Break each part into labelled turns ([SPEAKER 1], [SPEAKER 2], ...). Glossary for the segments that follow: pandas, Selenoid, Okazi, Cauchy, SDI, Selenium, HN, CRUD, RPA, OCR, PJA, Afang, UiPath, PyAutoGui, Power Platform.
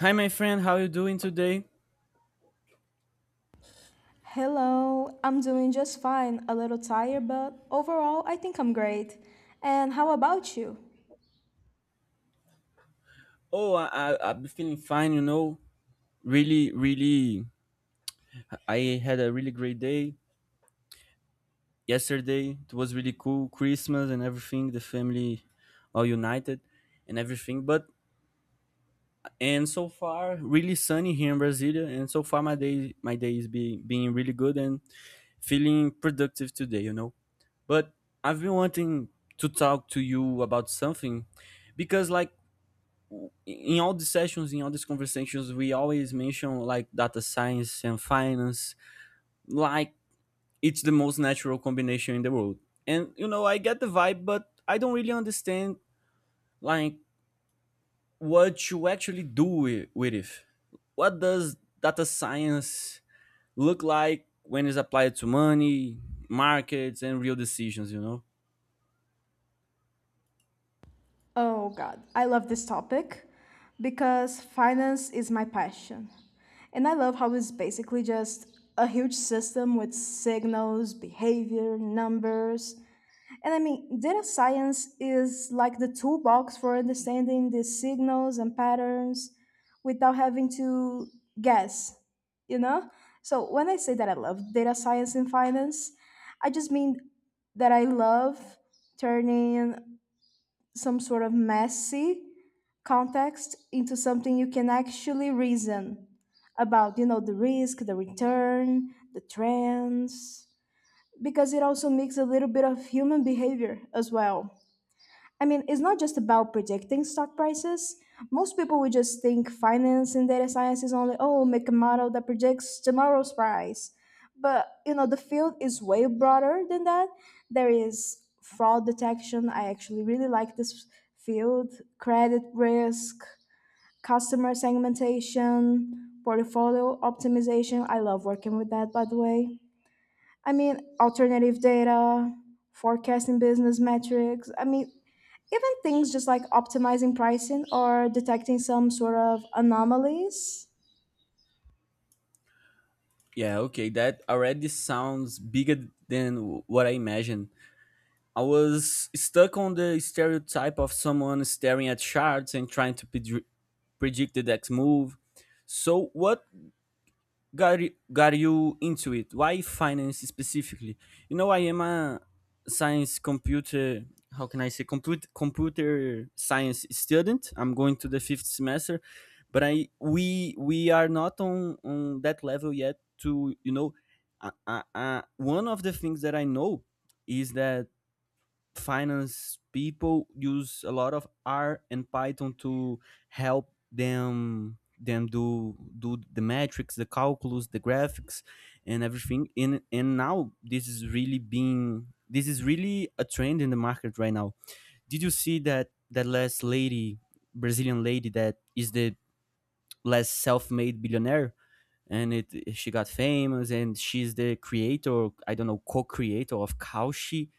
[SPEAKER 1] Hi, my friend. How you doing today?
[SPEAKER 2] Hello, I'm doing just fine, a little tired, but overall, I think I'm great. And how about you?
[SPEAKER 1] Oh, I, I'm feeling fine. Really, really, I had a really great day yesterday. It was really cool. Christmas and everything. The family all united and everything. But and So far, really sunny here in Brasilia. And so far, my day is being really good and feeling productive today. But I've been wanting to talk to you about something because, in all the sessions, in all these conversations, we always mention data science and finance, like it's the most natural combination in the world. And you know, I get the vibe, but I don't really understand like what you actually do with it. What does data science look like when it's applied to money, markets, and real decisions? You know?
[SPEAKER 2] Oh god, I love this topic because finance is my passion. And I love how it's basically just a huge system with signals, behavior, numbers. And I mean, data science is like the toolbox for understanding the signals and patterns without having to guess, you know? So when I say that I love data science in finance, I just mean that I love turning some sort of messy context into something you can actually reason about, you know, the risk, the return, the trends, because it also makes a little bit of human behavior as well. I mean, it's not just about predicting stock prices. Most people would just think finance and data science is only, oh, make a model that predicts tomorrow's price. But, you know, the field is way broader than that. There is fraud detection. I actually really like this field, credit risk, customer segmentation, portfolio optimization. I love working with that, by the way. I mean, alternative data, forecasting business metrics. I mean, even things just like optimizing pricing or detecting some sort of anomalies.
[SPEAKER 1] Yeah, okay, that already sounds bigger than what I imagined. I was stuck on the stereotype of someone staring at shards and trying to predict the next move. So, what got you into it? Why finance specifically? You know, I am a science computer, how can I say, computer science student. I'm going to the fifth semester, but I we are not on that level yet to, you know, one of the things that I know is that finance people use a lot of R and Python to help them do the metrics, the calculus, the graphics, and everything. And now this is really a trend in the market right now. Did you see that last lady, Brazilian lady that is the last self-made billionaire? And it she got famous, and she's the creator. I don't know, co-creator of Cauchy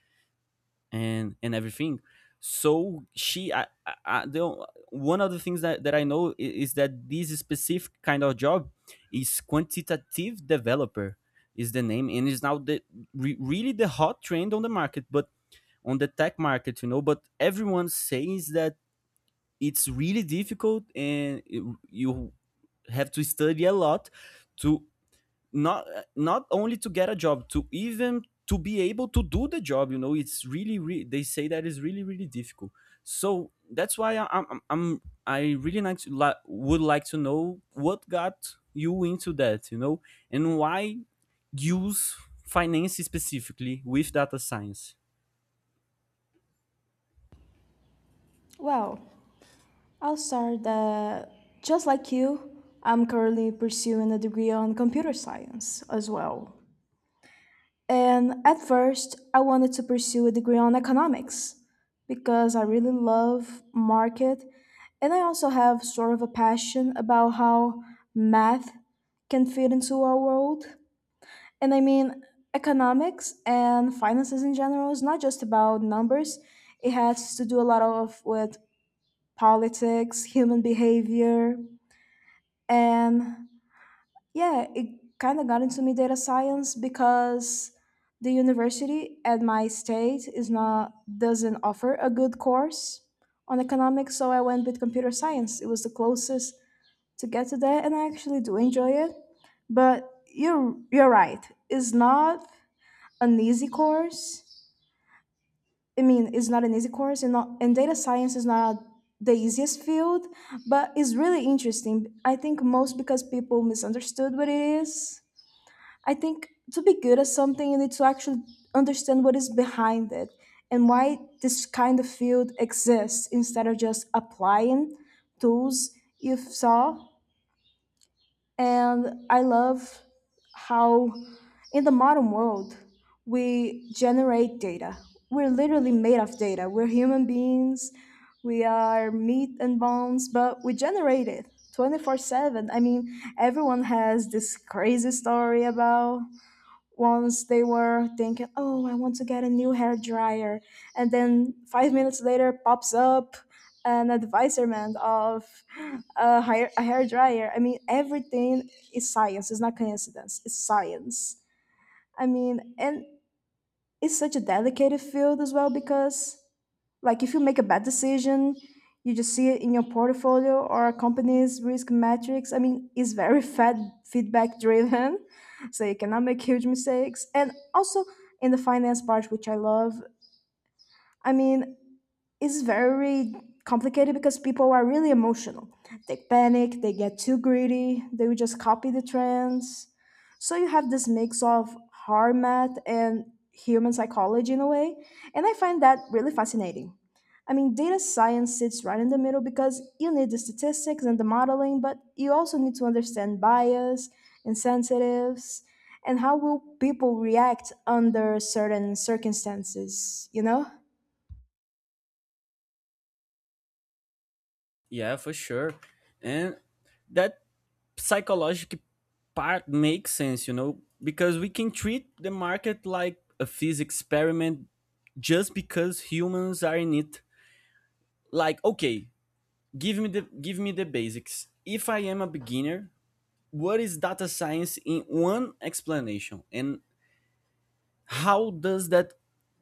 [SPEAKER 1] and everything. So she I- the o- one of the things that is that this specific kind of job is quantitative developer is the name and is now really the hot trend on the market, but on the tech market, you know. But everyone says that it's really difficult and you have to study a lot to not, not only to get a job, to even to be able to do the job, you know. It's really, they say that is really really difficult. So that's why I, I'm I really like to, would like to know what got you into that, you know, and why use finance specifically with data science.
[SPEAKER 2] Well, I'll start that just like you, I'm currently pursuing a degree on computer science as well. And at first, I wanted to pursue a degree on economics because I really love market, and I also have sort of a passion about how math can fit into our world. And I mean, economics and finances in general is not just about numbers. It has to do a lot of with politics, human behavior, and yeah, it kind of got into me data science because the university at my state is not doesn't offer a good course on economics, so I went with computer science. It was the closest to get to that, and I actually do enjoy it. But you're right. It's not an easy course. I mean, it's not an easy course, and not and data science is not the easiest field, but it's really interesting. I think most because people misunderstood what it is. I think to be good at something, you need to actually understand what is behind it and why this kind of field exists instead of just applying tools you saw. And I love how in the modern world we generate data. We're literally made of data. We're human beings, we are meat and bones, but we generate it 24/7. I mean, everyone has this crazy story about once they were thinking, "Oh, I want to get a new hair dryer," and then 5 minutes later pops up an advisement of a hair dryer. I mean, everything is science. It's not coincidence. It's science. I mean, and it's such a delicate field as well because like if you make a bad decision you just see it in your portfolio or a company's risk metrics. I mean, it's very fed feedback driven so you cannot make huge mistakes. And also in the finance part, which I love, I mean, is very complicated because people are really emotional. They panic, they get too greedy, they will just copy the trends. So you have this mix of hard math and human psychology in a way, and I find that really fascinating. I mean, data science sits right in the middle because you need the statistics and the modeling, but you also need to understand bias, incentives, and how will people react under certain circumstances, you know?
[SPEAKER 1] Yeah, for sure. And that psychological part makes sense, you know, because we can treat the market like a physics experiment just because humans are in it. Like, okay, give me the basics. If I am a beginner, what is data science in one explanation and how does that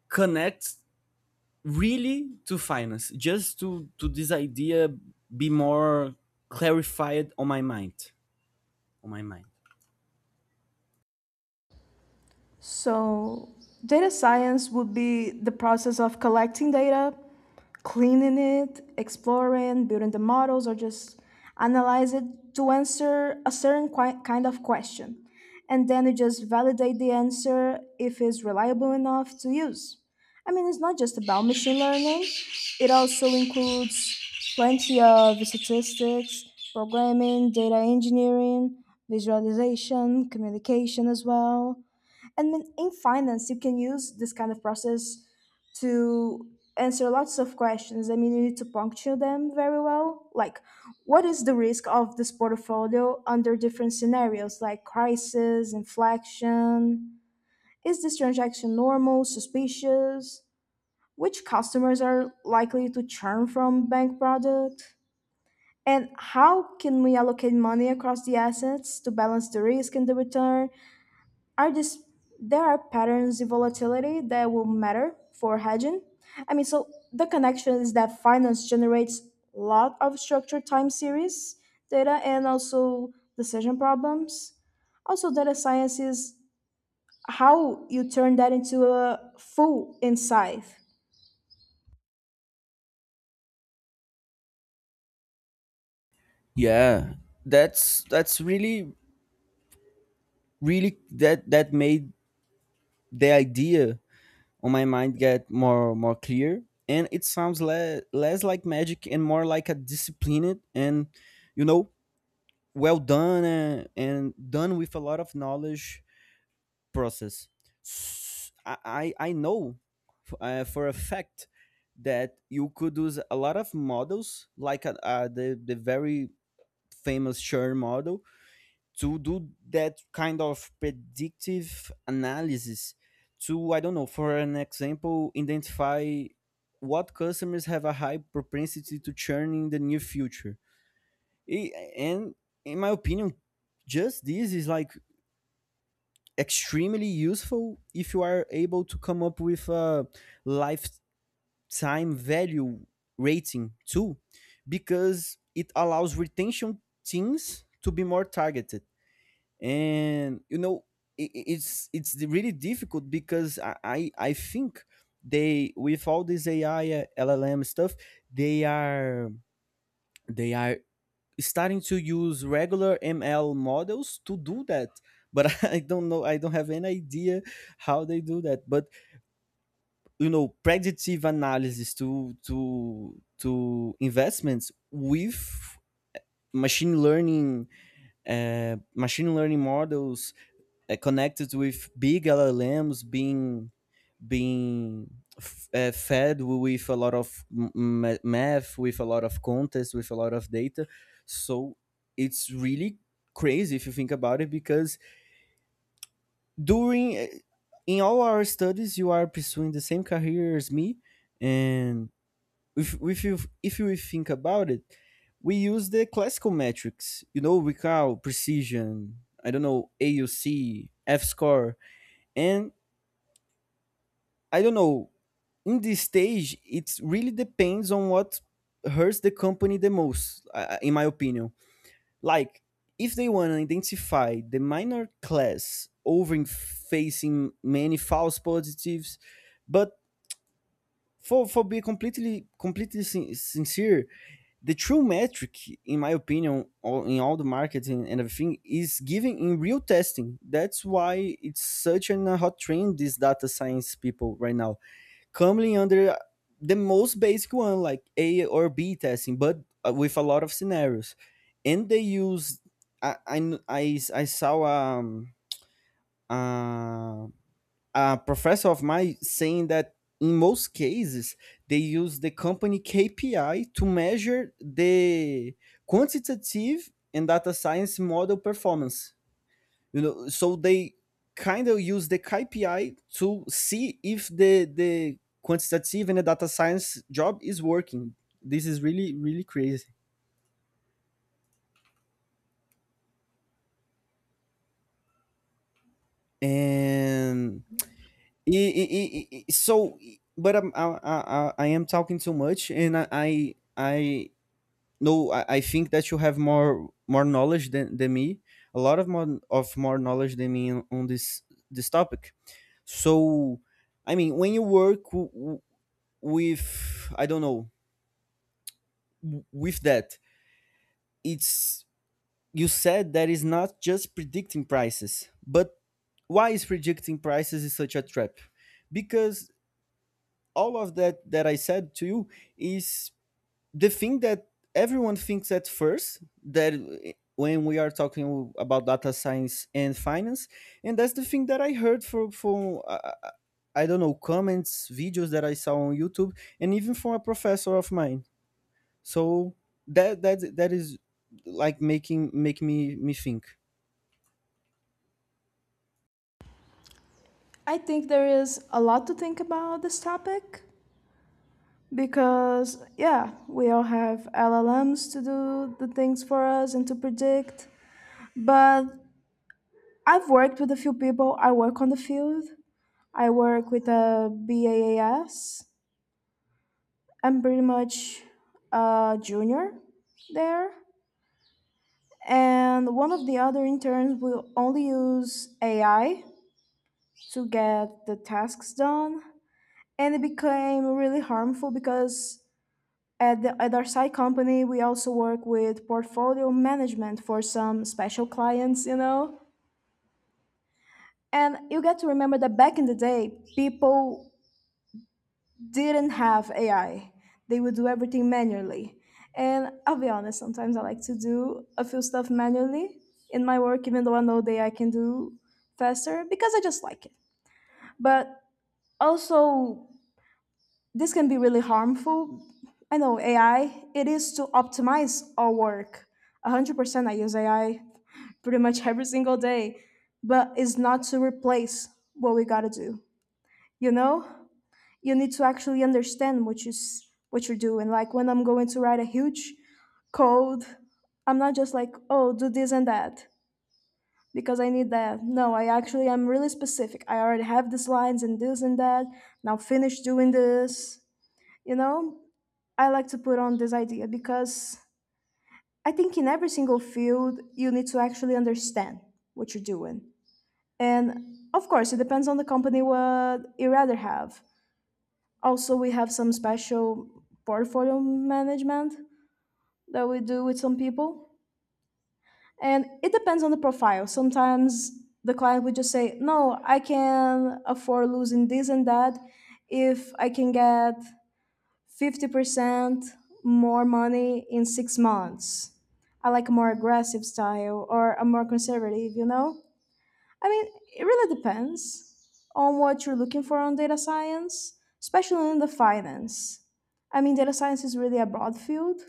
[SPEAKER 1] connect really to finance? Just to this idea, be more clarified on my mind, on my mind.
[SPEAKER 2] So, data science would be the process of collecting data, cleaning it, exploring, building the models, or just analyze it to answer a certain kind of question. And then you just validate the answer if it's reliable enough to use. I mean, it's not just about machine learning, it also includes plenty of statistics, programming, data engineering, visualization, communication as well. And then in finance you can use this kind of process to answer lots of questions. I mean, you need to puncture them very well, like what is the risk of this portfolio under different scenarios like crisis inflection, is this transaction normal suspicious, which customers are likely to churn from bank product, and how can we allocate money across the assets to balance the risk and the return, are just, there are patterns in volatility that will matter for hedging. I mean, so the connection is that finance generates a lot of structured time series data and also decision problems. Also, data science is how you turn that into a full insight.
[SPEAKER 1] Yeah, that's really really that made the idea on my mind get more clear. And it sounds less like magic and more like a disciplined and, you know, well done and done with a lot of knowledge process. S- i I know, for a fact, that you could use a lot of models like, the very famous churn model to do that kind of predictive analysis to, I don't know, for an example, identify what customers have a high propensity to churn in the near future. I- and In my opinion, just this is like extremely useful if you are able to come up with a lifetime value rating too, because it allows retention teams to be more targeted. And you know, it's really difficult because I think they, with all this AI, LLM stuff, they are, they are starting to use regular ML models to do that. But I don't know. I don't have any idea how they do that. But you know, predictive analysis to investments with machine learning, machine learning models, connected with big LLMs being fed with a lot of math, with a lot of context, with a lot of data. So it's really crazy if you think about it because during eh, in all our studies you are pursuing the same career as me. And if you, if you think about it, we use the classical metrics, you know, recall, precision, I don't know, auc, f score. And I don't know, in this stage, it really depends on what hurts the company the most, in my opinion. Like, if they want to identify the minor class over facing many false positives. But for being completely sincere, the true metric, in my opinion, in all the marketing and everything, is given in real testing. That's why it's such an a hot trend, these data science people right now, coming under the most basic one like A or B testing, but with a lot of scenarios. And they use, I kn- I s- I saw uh, a professor of mine saying that in most cases they use the company KPI to measure the quantitative and data science model performance, you know. So they kind of use the KPI to see if the quantitative and the data science job is working. This is really really crazy. And I- so but I'm, I am talking too much. And I, no, I, I think that you have more knowledge than me, a lot of more knowledge than me on this, this topic. So I mean, when you work with, I don't know, with that. It's, you said that is not just predicting prices, but why is predicting prices is such a trap? Because all of that that I said to you is the thing that everyone thinks at first, that, when we are talking about data science and finance, and that's the thing that I heard from, I don't know, comments, videos that I saw on YouTube, and even from a professor of mine. So that is like making make me, think.
[SPEAKER 2] I think there is a lot to think about this topic because, yeah, we all have LLMs to do the things for us and to predict. But I've worked with a few people. I work on the field. I work with a BAAS. I'm pretty much a junior there. And one of the other interns will only use AI to get the tasks done. And it became really harmful because at our side company, we also work with portfolio management for some special clients, you know? And you get to remember that back in the day, people didn't have AI. They would do everything manually. And I'll be honest, sometimes I like to do a few stuff manually in my work, even though I know that I can do faster because I just like it. But also, this can be really harmful. I know AI, it is to optimize our work. 100% I use AI pretty much every single day, but it's not to replace what we gotta do, you know? You need to actually understand what what you're doing. Like when I'm going to write a huge code, I'm not just like, oh do this and that because I need that. No, I actually am really specific, I already have these lines and this and that, now finish doing this, you know? I like to put on this idea because I think in every single field you need to actually understand what you're doing, and of course it depends on the company what you rather have. Also, we have some special portfolio management that we do with some people. And it depends on the profile. Sometimes the client would just say, "No, I can afford losing this and that if I can get 50% more money in 6 months. I like a more aggressive style or a more conservative," you know? I mean, it really depends on what you're looking for on data science, especially in the finance. I mean, data science is really a broad field.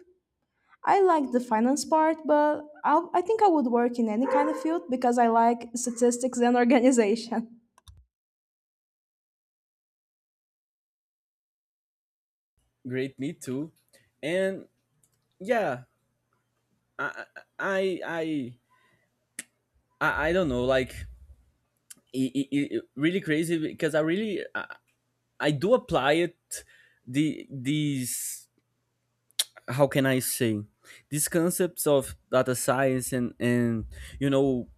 [SPEAKER 2] I like the finance part, but I think I would work in any kind of field because I like statistics and organization.
[SPEAKER 1] Great, me too. And yeah, I I I I don't know, like it really crazy because I do apply it the these, how can I say, these concepts of data science and, you know,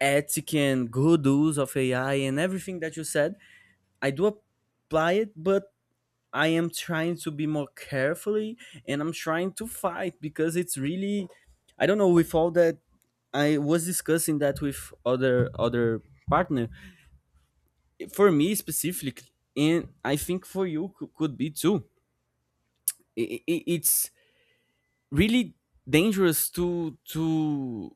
[SPEAKER 1] ethic and good use of AI and everything that you said. I do apply it, but I am trying to be more carefully, and I'm trying to fight because it's really, I don't know, with all that. I was discussing that with other partner, for me specifically, and I think for you could be too. It's really dangerous to to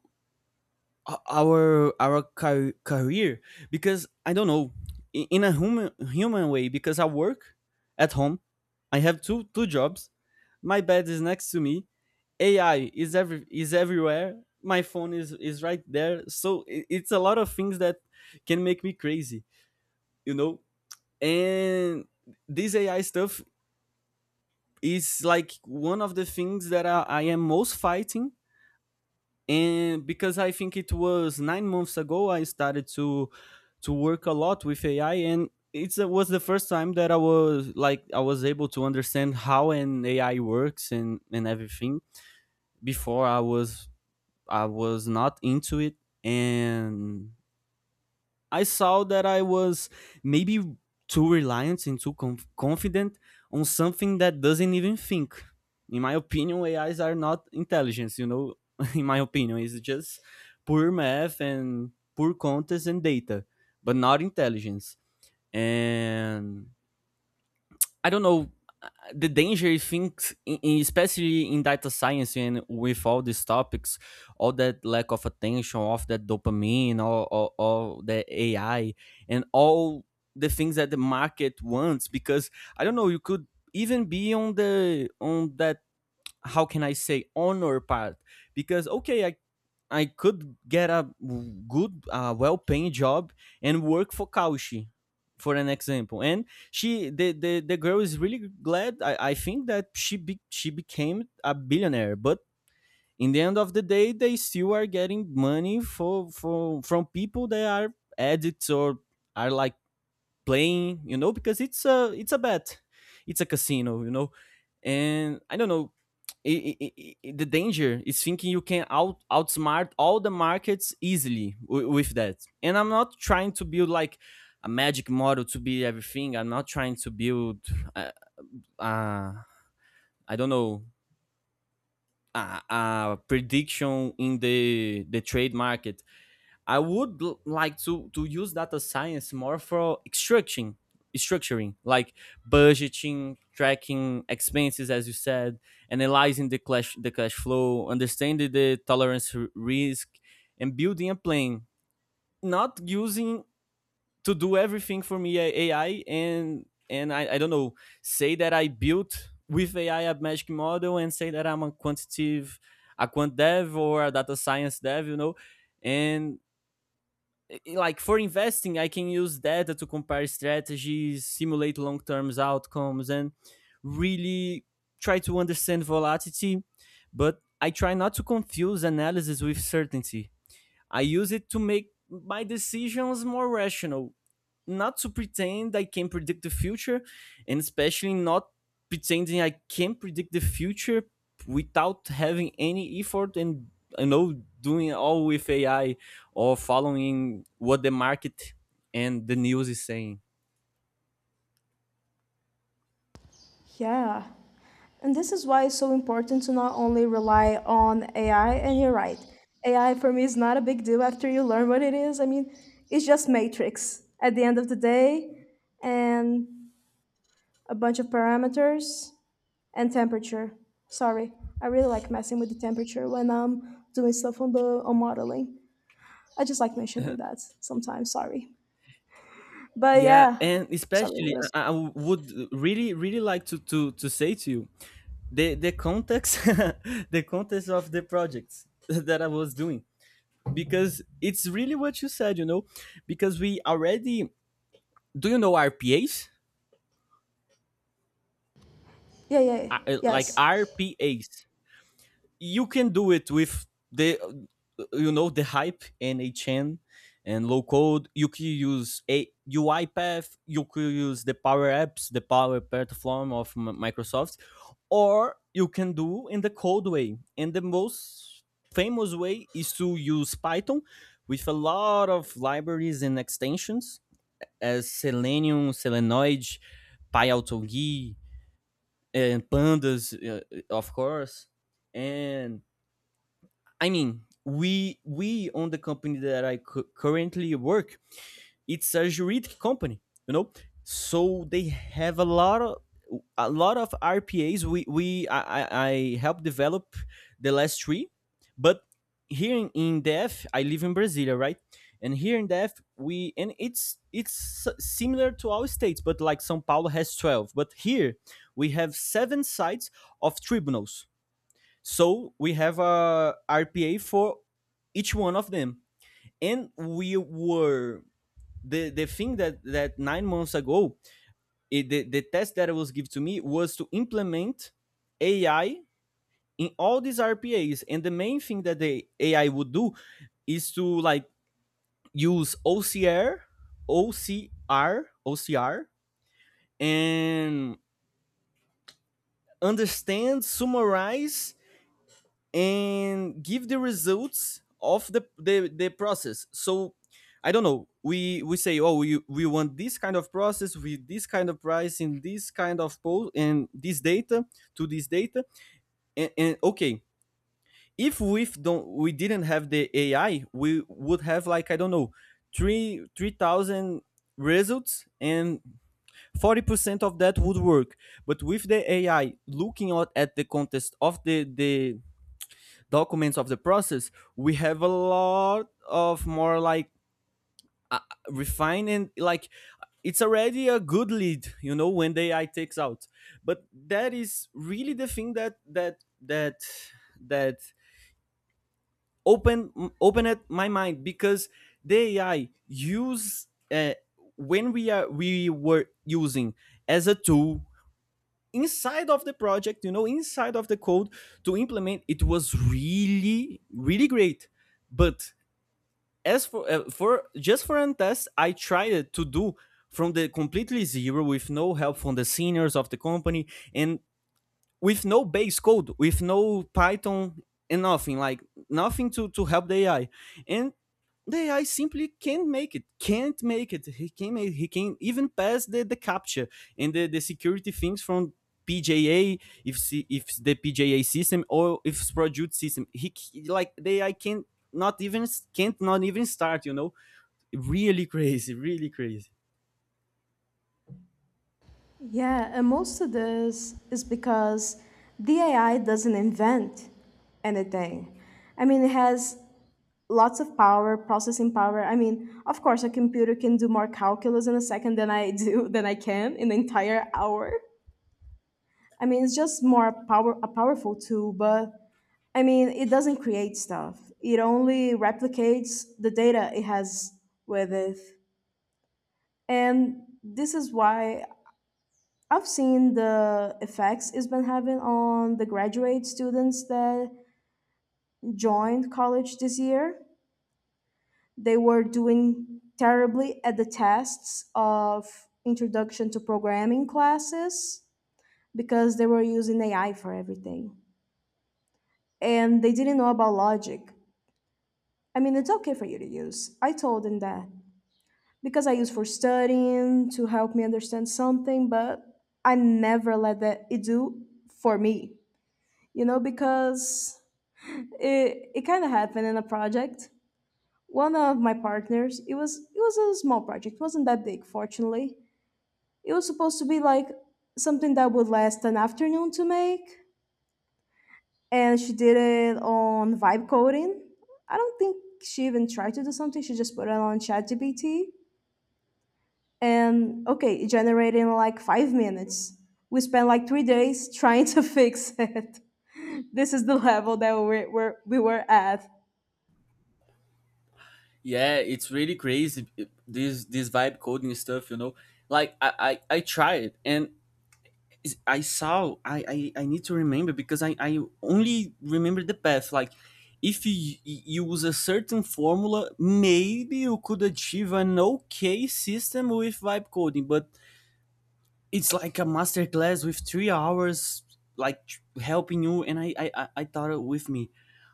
[SPEAKER 1] o- our, career, because, I don't know, in a human way, because I work at home, I have two jobs. My bed is next to me. AI is, every is everywhere. My phone is right there. So it's a lot of things that can make me crazy, you know. And this AI stuff is like one of the things that I am most fighting. And because I think it was 9 months ago, I started to work a lot with AI, and it was the first time that I was able to understand how an AI works and everything. Before I was, I was not into it. And I saw that I was maybe too reliant and too confident on something that doesn't even think. In my opinion, AIs are not intelligence. You know, in my opinion, it's just poor math and poor context and data, but not intelligence. And I don't know, uh, the danger things, especially in data science and with all these topics, all that lack of attention, of that dopamine, all the AI, and all the things that the market wants. Because I don't know, you could even be on the, on that, how can I say, honor part. Because okay, I could get a good, well paying job and work for Kaushi, for an example. And the girl is really glad, I think that she became a billionaire. But in the end of the day, they still are getting money for from people that are addicts, or are like playing, you know, because it's a, it's a bet, it's a casino, you know. And I don't know, the danger is thinking you can outsmart all the markets easily with that. And I'm not trying to build like a magic model to be everything. I'm not trying to build, uh, uh, I don't know, a prediction in the trade market. I would like to use data science more for structuring, like budgeting, tracking expenses, as you said, analyzing the cash flow, understanding the tolerance risk, and building a plan. Not using to do everything for me AI, and I don't know, say that I built with AI a magic model and say that I'm a quantitative a quant dev or a data science dev, you know. And, like, for investing, I can use data to compare strategies, simulate long term outcomes, and really try to understand volatility. But I try not to confuse analysis with certainty. I use it to make my decisions more rational, not to pretend I can predict the future, and especially not pretending I can predict the future without having any effort and doing all with AI, or following what the market and the news is saying.
[SPEAKER 2] Yeah. And this is why it's so important to not only rely on AI, and you're right. AI for me is not a big deal after you learn what it is. I mean, it's just matrix at the end of the day. And a bunch of parameters and temperature. Sorry, I really like messing with the temperature when I'm doing stuff on the on modeling. I just like mentioning that sometimes. Sorry, but
[SPEAKER 1] Yeah,
[SPEAKER 2] yeah,
[SPEAKER 1] and
[SPEAKER 2] sorry.
[SPEAKER 1] especially
[SPEAKER 2] What is?
[SPEAKER 1] I would really like to say to you the context the context of the projects that I was doing, because it's really what you said, you know, because we already do you know RPAs?
[SPEAKER 2] Yeah, yeah, yeah.
[SPEAKER 1] Like
[SPEAKER 2] Yes,
[SPEAKER 1] RPAs, you can do it with the you know, the hype and HN and low code. You could use a UiPath. You could use the Power Apps, the Power Platform of Microsoft, or you can do in the code way. And the most famous way is to use Python with a lot of libraries and extensions as Selenium, Selenoid, PyAutoGui, and pandas, of course. And, I mean, we on the company that I currently work, it's a juridic company, you know. So they have a lot of RPAs. I helped develop the last three. But here in DF — I live in Brasilia, right? And here in DF, we and it's similar to our states, but like São Paulo has 12, but here we have seven sites of tribunals. So we have a RPA for each one of them, and we were — the thing that 9 months ago, the test that was given to me was to implement AI in all these RPAs. And the main thing that the AI would do is to, like, use ocr and understand, summarize, and give the results of the process. So, I don't know, we say, "Oh, we want this kind of process with this kind of price in this kind of poll and this data to this data." And okay, if we didn't have the AI, we would have, like, I don't know, three thousand results, and 40% of that would work. But with the AI looking at the context of the documents of the process, we have a lot of more, like, uh, refined and, like, it's already a good lead, you know, when the AI takes out. But that is really the thing that open opened my mind, because the AI use — when we were using as a tool inside of the project, you know, inside of the code to implement, it was really great. But as for, just for Antes, I tried to do from the completely zero, with no help from the seniors of the company, and with no base code, with no Python and nothing, like nothing to help the AI. And the AI simply can't make it, can't make it. He can not even pass the capture and the security things from PJA, if the PJA system, or if it's produced system. He, like, the AI not even can't not even start, you know. Really crazy, really crazy.
[SPEAKER 2] yeah. And most of this is because the AI doesn't invent anything. I mean, it has lots of power, processing power. I mean, of course, a computer can do more calculus in a second than I do than I can in an entire hour. I mean, it's just more power a powerful tool, but I mean, it doesn't create stuff. It only replicates the data it has with it. And this is why I've seen the effects it's been having on the graduate students that joined college this year. They were doing terribly at the tests of introduction to programming classes because they were using AI for everything and they didn't know about logic. I mean, it's okay for you to use. I told him that because I use for studying to help me understand something, but I never let that it do for me, you know, because it kind of happened in a project. One of my partners, it was a small project, it wasn't that big, fortunately. It was supposed to be like something that would last an afternoon to make, and she did it on vibe coding. I don't think she even tried to do something. She just put it on ChatGPT and okay, it generated in like 5 minutes. We spent like 3 days trying to fix it. This is the level that we were at.
[SPEAKER 1] Yeah, it's really crazy this vibe coding stuff, you know. Like I tried, and I saw — I need to remember, because I only remember the path. Like, if use a certain formula, maybe you could achieve an okay system with vibe coding, but it's like a master class with 3 hours, like, helping you. And I thought it with me,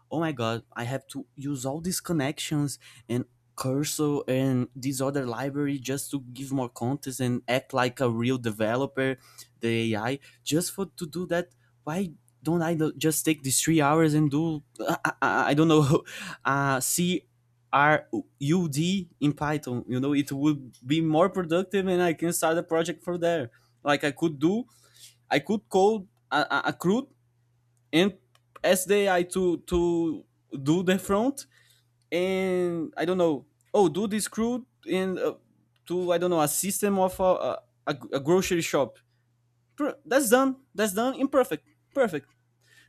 [SPEAKER 1] "Oh my god, I have to use all these connections and cursor and this other library, just to give more context and act like a real developer, the AI, just for to do that. Why don't I just take these 3 hours and do, I, don't know, CRUD in Python, you know? It would be more productive, and I can start a project from there. Like, I could do — I could code a crude and SDI to do the front. And I don't know. Oh, do this crew in, to, I don't know, a system of a grocery shop. That's done. That's done. Imperfect. Perfect.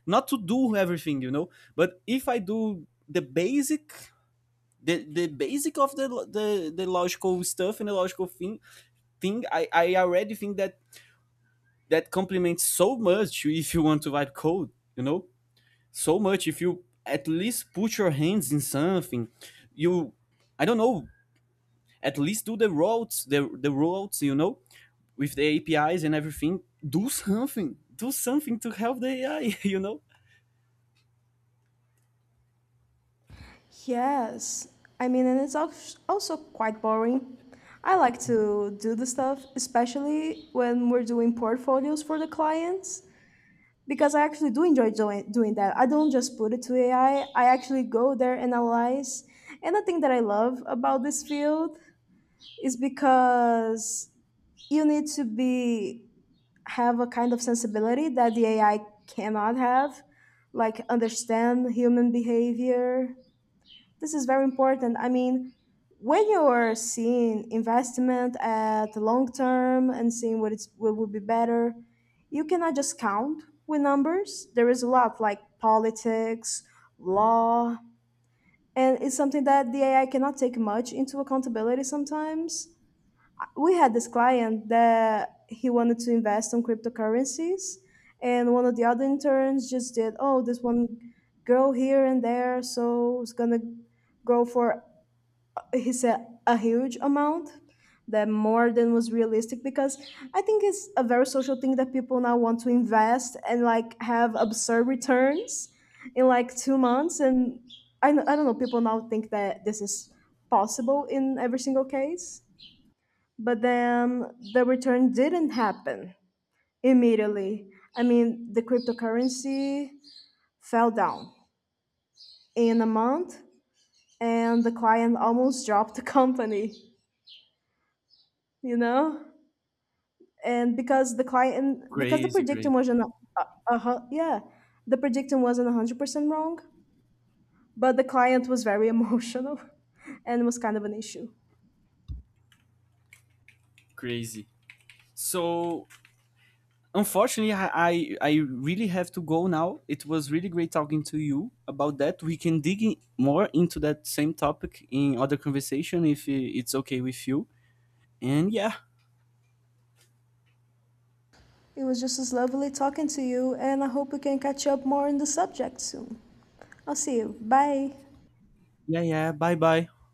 [SPEAKER 1] Not to do everything, you know. But if I do the basic of the logical stuff and the logical thing, I already think that complements so much if you want to write code, you know. So much, if you at least put your hands in something, you, I don't know, at least do the routes, the routes, you know, with the APIs and everything. Do something, do something to help the AI, you know."
[SPEAKER 2] Yes, I mean, and also quite boring. I like to do the stuff, especially when we're doing portfolios for the clients, because I actually do enjoy doing that. I don't just put it to AI, I actually go there and analyze. And the thing that I love about this field is because you need to be have a kind of sensibility that the AI cannot have, like understand human behavior. This is very important. I mean, when you are seeing investment at the long term and seeing what it's what would be better, you cannot just count with numbers. There is a lot like politics, law, and it's something that the AI cannot take much into accountability sometimes. We had this client that he wanted to invest on cryptocurrencies, and one of the other interns just did, oh this one girl here and there so it's gonna go for, he said a huge amount that more than was realistic because I think it's a very social thing that people now want to invest and like have absurd returns in like 2 months. And I don't know, people now think that this is possible in every single case, but then the return didn't happen immediately. I mean, the cryptocurrency fell down in a month, and the client almost dropped the company, you know? And because the client, because the
[SPEAKER 1] Crazy,
[SPEAKER 2] prediction
[SPEAKER 1] crazy,
[SPEAKER 2] wasn't, uh, yeah, the prediction wasn't 100% wrong, but the client was very emotional and was kind of an issue.
[SPEAKER 1] crazy. So, unfortunately, I really have to go now. It was really great talking to you about that. We can dig in more into that same topic in other conversation, if it's okay with you. And yeah,
[SPEAKER 2] It was just as lovely talking to you, and I hope we can catch up more on the subject soon. I'll see you. Bye.
[SPEAKER 1] yeah, yeah. bye bye